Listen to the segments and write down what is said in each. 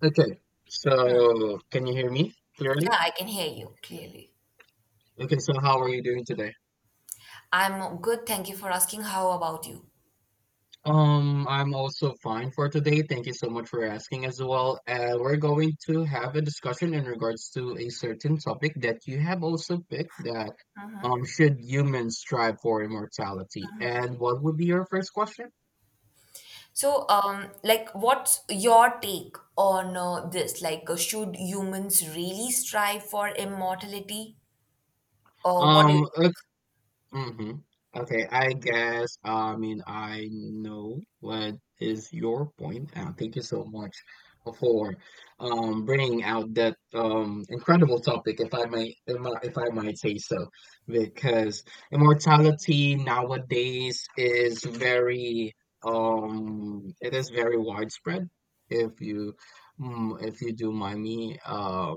Okay, so can you hear me Yeah, clearly? I can hear you clearly. Okay, so how are you doing today? I'm good, thank you for asking. How about you? I'm also fine for today. Thank you so much for asking as well. We're going to have a discussion in regards to a certain topic that you have also picked, that should humans strive for immortality? And what would be your first question? So, like, what's your take on this? Like, should humans really strive for immortality? Or what do you Um, think? hmm Okay, I guess, I mean, I know what is your point, and thank you so much for bringing out that incredible topic, if I may, if I might say so, because immortality nowadays is very it is very widespread. If you if you do mind me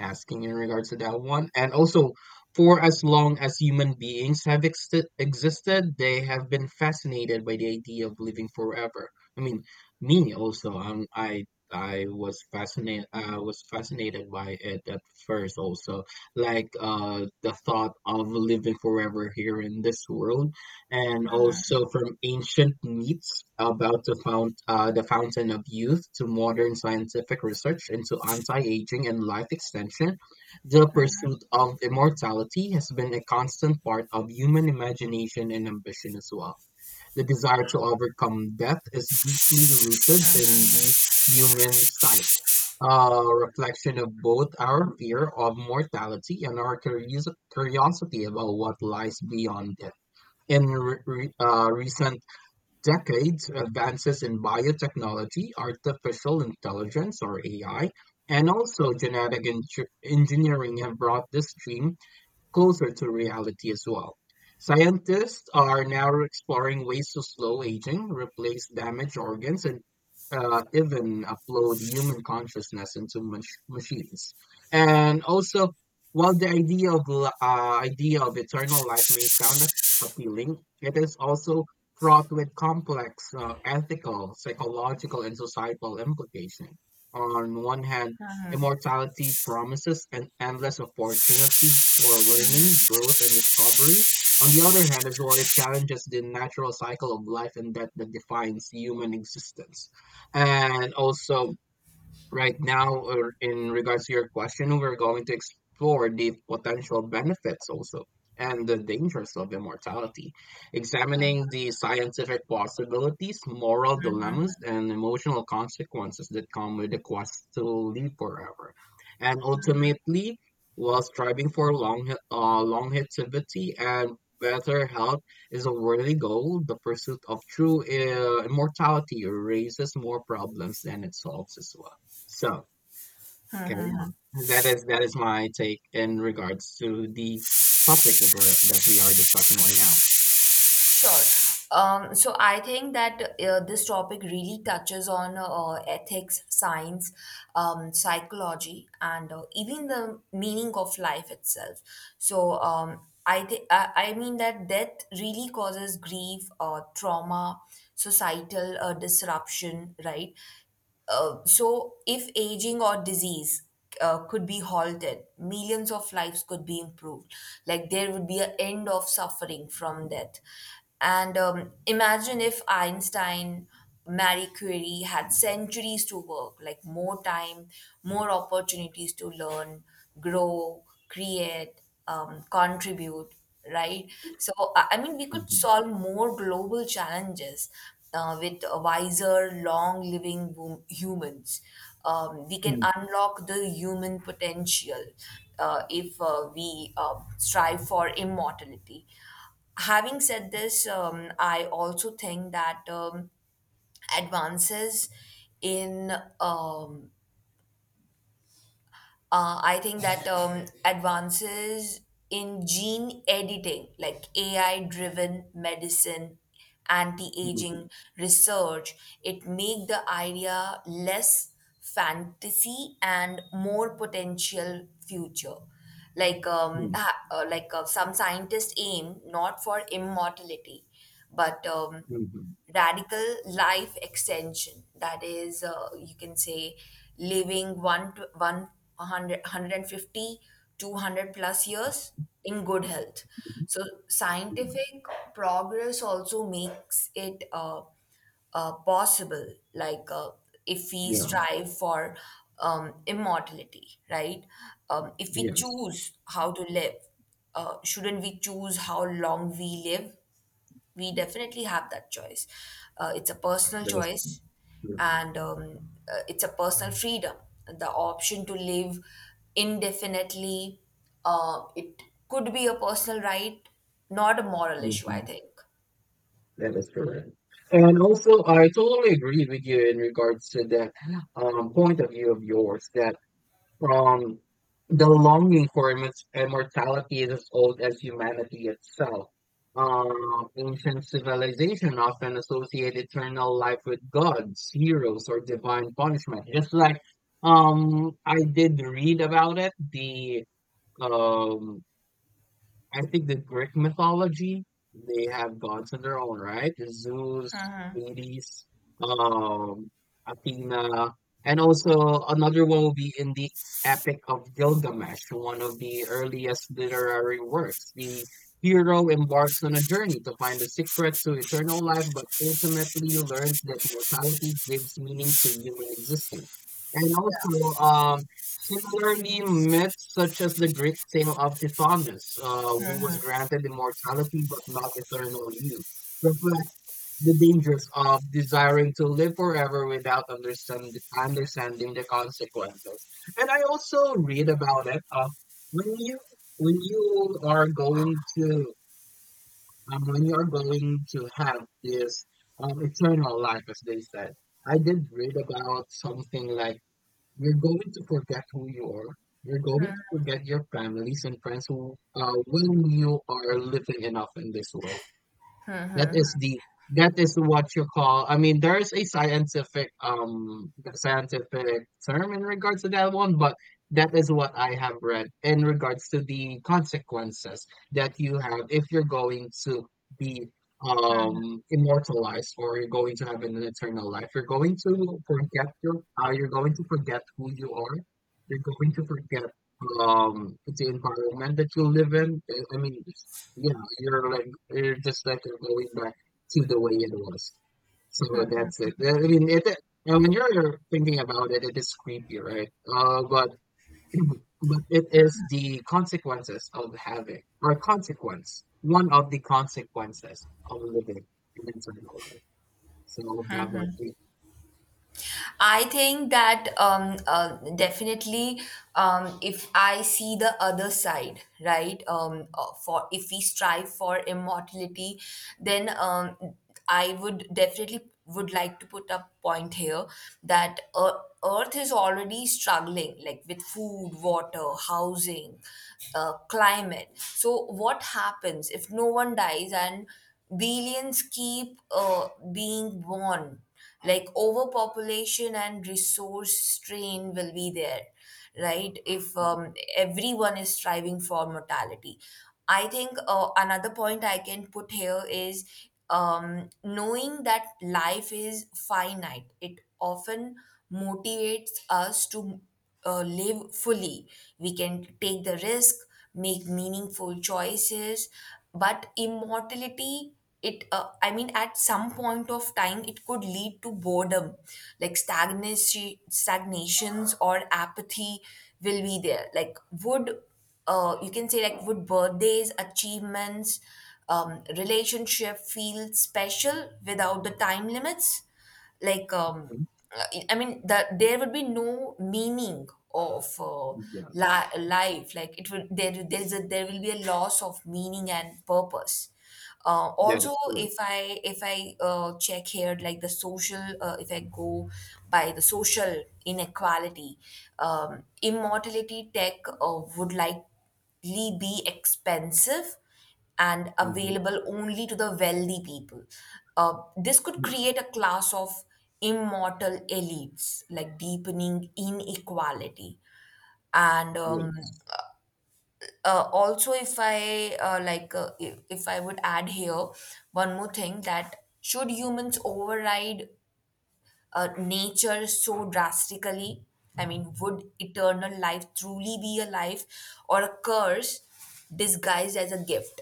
asking in regards to that one, and also for as long as human beings have existed, they have been fascinated by the idea of living forever. I mean, me also. I was fascinated. I was fascinated by it at first. Also, like the thought of living forever here in this world, and also from ancient myths about the fount the fountain of youth to modern scientific research into anti-aging and life extension, the pursuit of immortality has been a constant part of human imagination and ambition as well. The desire to overcome death is deeply rooted in the human psyche, a reflection of both our fear of mortality and our curiosity about what lies beyond it. In recent decades, advances in biotechnology, artificial intelligence or AI, and also genetic engineering have brought this dream closer to reality as well. Scientists are now exploring ways to slow aging, replace damaged organs, and even upload human consciousness into machines. And also, while the idea of eternal life may sound appealing, it is also fraught with complex ethical, psychological, and societal implications. On one hand, immortality promises an endless opportunities for learning, growth, and discovery. On the other hand, as well, it challenges the natural cycle of life and death that defines human existence. And also, right now, or in regards to your question, we're going to explore the potential benefits also and the dangers of immortality, examining the scientific possibilities, moral dilemmas, and emotional consequences that come with the quest to live forever. And ultimately, while striving for longevity and better health is a worthy goal, the pursuit of true immortality raises more problems than it solves as well. So carry on. That is my take in regards to the topic that we are discussing right now. Sure. So I think that this topic really touches on ethics, science, psychology, and even the meaning of life itself. So I think I mean that death really causes grief, trauma, societal disruption, right? So, if aging or disease could be halted, millions of lives could be improved. Like there would be an end of suffering from death. And imagine if Einstein, Marie Curie had centuries to work, like more time, more opportunities to learn, grow, create, contribute, right? So, I mean, we could Mhm. solve more global challenges with wiser, long living humans. We can Mm, unlock the human potential if we strive for immortality. Having said this, I also think that advances in um, I think that advances in gene editing, like AI driven medicine, anti mhm, aging research, it make the idea less fantasy and more potential future. Like um, mm, ha- uh, like uh, some scientists aim not for immortality, but mhm, radical life extension, that is, you can say, living one 100 plus years in good health. mhm, So mhm. scientific progress also makes it possible, like, if we Yeah. strive for immortality, right? If we Yes. choose how to live, shouldn't we choose how long we live? We definitely have that choice. It's a personal That is choice, true. and it's a personal freedom. The option to live indefinitely, it could be a personal right, not a moral issue, I Mhm. think. That is correct. And also, I totally agree with you in regards to that point of view of yours, that Um, the longing for immortality is as old as humanity itself. Ancient civilization often associate eternal life with gods, heroes, or divine punishment. Just like, I did read about it, the um, I think the Greek mythology, they have gods of their own, right? Zeus, Hades, um, Athena, and also another one will be in the Epic of Gilgamesh, one of the earliest literary works. The hero embarks on a journey to find the secret to eternal life, but ultimately learns that mortality gives meaning to human existence. And also, um, similarly, myths such as the Greek tale of Tithonus, who was granted immortality but not eternal youth, reflect the dangers of desiring to live forever without understanding the consequences. And I also read about it. When you when you are going to when you are going to have this eternal life, as they said, I did read about something like you're going to forget who you are. You're going to forget your families and friends who well knew are living enough in this world. That is what you call, I mean, there's a scientific scientific term in regards to that one, but that is what I have read in regards to the consequences that you have if you're going to be immortalized or you're going to have an eternal life. You're going to forget your you're going to forget who you are. You're going to forget the environment that you live in. I mean yeah, you're like, you're just like, you're going back to the way it was. So that's it. I mean, it, and when you're thinking about it, it is creepy, right? But but it is the consequences of having, or consequence, one of the consequences of living an internal life. So how about you? I think that definitely, if I see the other side, right? For if we strive for immortality, then I would definitely would like to put a point here that Earth is already struggling, like with food, water, housing, climate. So what happens if no one dies and billions keep being born? Like overpopulation and resource strain will be there, right? If everyone is striving for mortality, I think another point I can put here is, knowing that life is finite, it often motivates us to live fully. We can take the risk, make meaningful choices, but immortality, it I mean, at some point of time, it could lead to boredom, like stagnation, stagnations, or apathy will be there. Like, would you can say, like, would birthdays, achievements, relationship feel special without the time limits? Like Mhm. I mean that there would be no meaning of Yeah, life. Like it would there there's a there will be a loss of meaning and purpose. uh, that also is true. if I check here, like, the social— if I go by the social inequality, immortality tech would likely be expensive and Mm-hmm. available only to the wealthy people. This could Mm-hmm. create a class of immortal elites, like deepening inequality. And Yes. Also, if I like, if I would add here one more thing, that should humans override nature so drastically? I mean, would eternal life truly be a life or a curse disguised as a gift?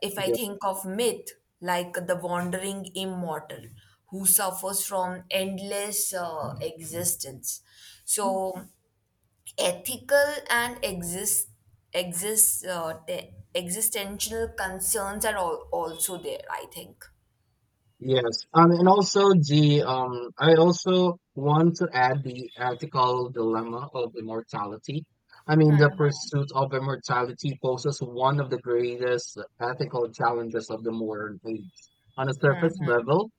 If I think of myth, like the wandering immortal who suffers from endless Yeah. Existence. So, ethical and existential concerns are also there, I think. Yes, and also the I also want to add the ethical dilemma of immortality. I mean, the pursuit of immortality poses one of the greatest ethical challenges of the modern age. On a surface level,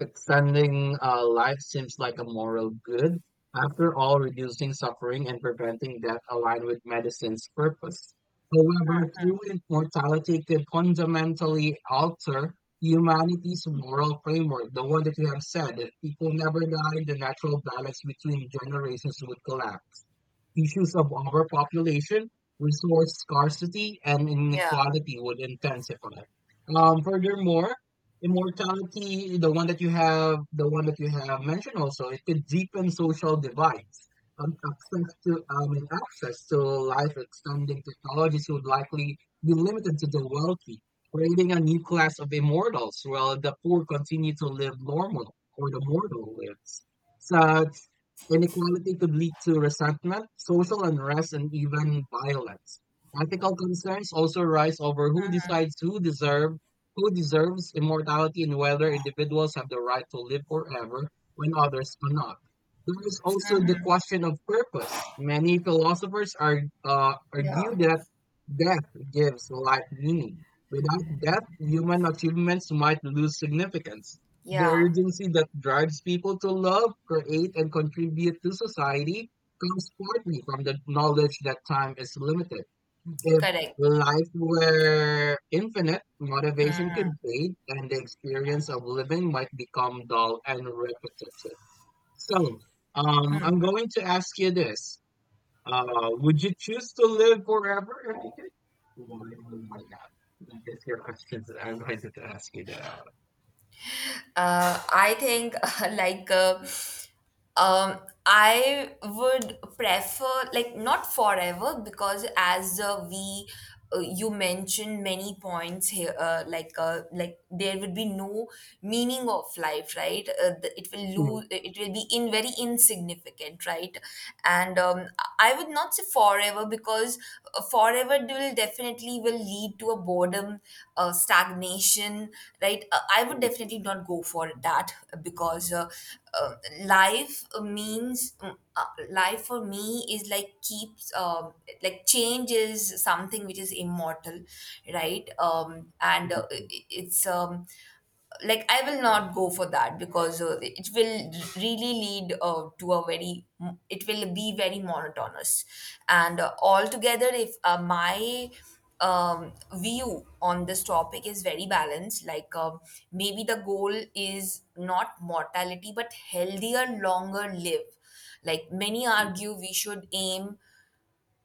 extending life seems like a moral good. After all, reducing suffering and preventing death align with medicine's purpose. However, true immortality could fundamentally alter humanity's moral framework, the one that you have said, if people never die, the natural balance between generations would collapse. Issues of overpopulation, resource scarcity, and Yeah, inequality would intensify. Furthermore, immortality, the one that you have mentioned also, it could deepen social divides. Access to life extending technologies would likely be limited to the wealthy, creating a new class of immortals while the poor continue to live normal or the mortal lives. Such inequality could lead to resentment, social unrest, and even violence. Ethical concerns also arise over who decides who deserves immortality and whether individuals have the right to live forever when others cannot. There is also the question of purpose. Many philosophers are, yeah. argue that death gives life meaning. Without that, human achievements might lose significance. The Yeah, urgency that drives people to love, create, and contribute to society comes partly from the knowledge that time is limited. If correct. life were infinite, motivation could fade, and the experience of living might become dull and repetitive. So, I'm going to ask you this. Would you choose to live forever if you could? Why why not? God. That is your questions that I'm going to ask you I think like, um, I would prefer, like, not forever, because as we you mentioned many points here, like there would be no meaning of life, right? It will lose, it will be in very insignificant, right? And I would not say forever forever, because forever will definitely will lead to a boredom, stagnation, right? I would definitely not go for that, because uh, life for me is like keeps, like, change is something which is immortal, right? And it's, like, I will not go for that, because it will really lead to a very— it will be very monotonous. And altogether, if my view on this topic is very balanced, like, maybe the goal is not mortality but healthier, longer live. Like many argue we should aim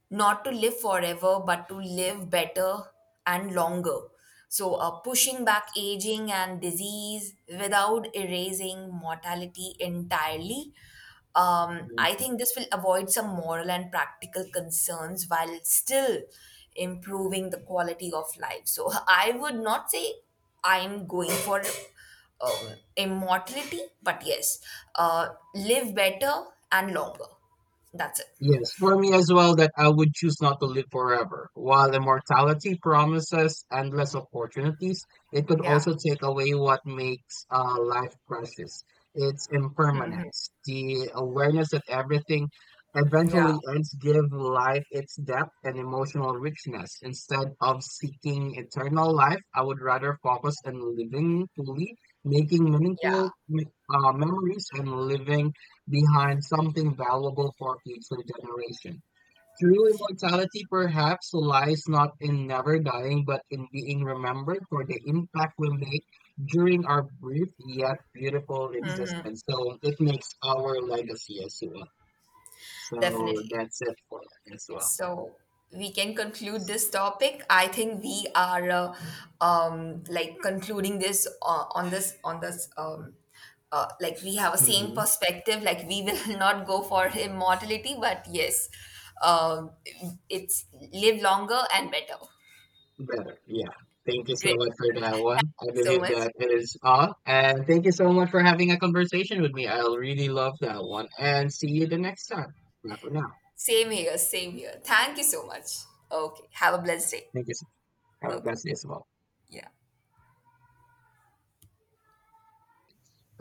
not to live forever, but to live better and longer. So, pushing back aging and disease without erasing mortality entirely. I now. think this will avoid some moral and practical concerns while still improving the quality of life. So, I would not say I'm going for immortality, but yes, live better and longer. That's it. Yes, for me as well, that I would choose not to live forever. While immortality promises endless opportunities, it could Yeah. also take away what makes life precious. Its impermanence, the awareness that everything Yeah. eventually ends, give life its depth and emotional richness. Instead of seeking eternal life, I would rather focus on living fully, making meaningful Yeah, memories, and living behind something valuable for future generation. True immortality perhaps lies not in never dying, but in being remembered for the impact we make during our brief yet beautiful existence. So it makes our legacy as well. So definitely. that's it for that as well. So we can conclude this topic. I think we are like concluding this on this, like, we have a same Hmm. perspective. Like we will not go for immortality, but yes, um, it's live longer and better. Better, yeah. Thank you so Great, much for that one. I so believe much. that it is all. And thank you so much for having a conversation with me. I really love that one. And see you the next time. Bye for now. Same here, same here. Thank you so much. Okay, have a blessed day. Thank you, sir. Have a Okay, blessed day as well. yeah,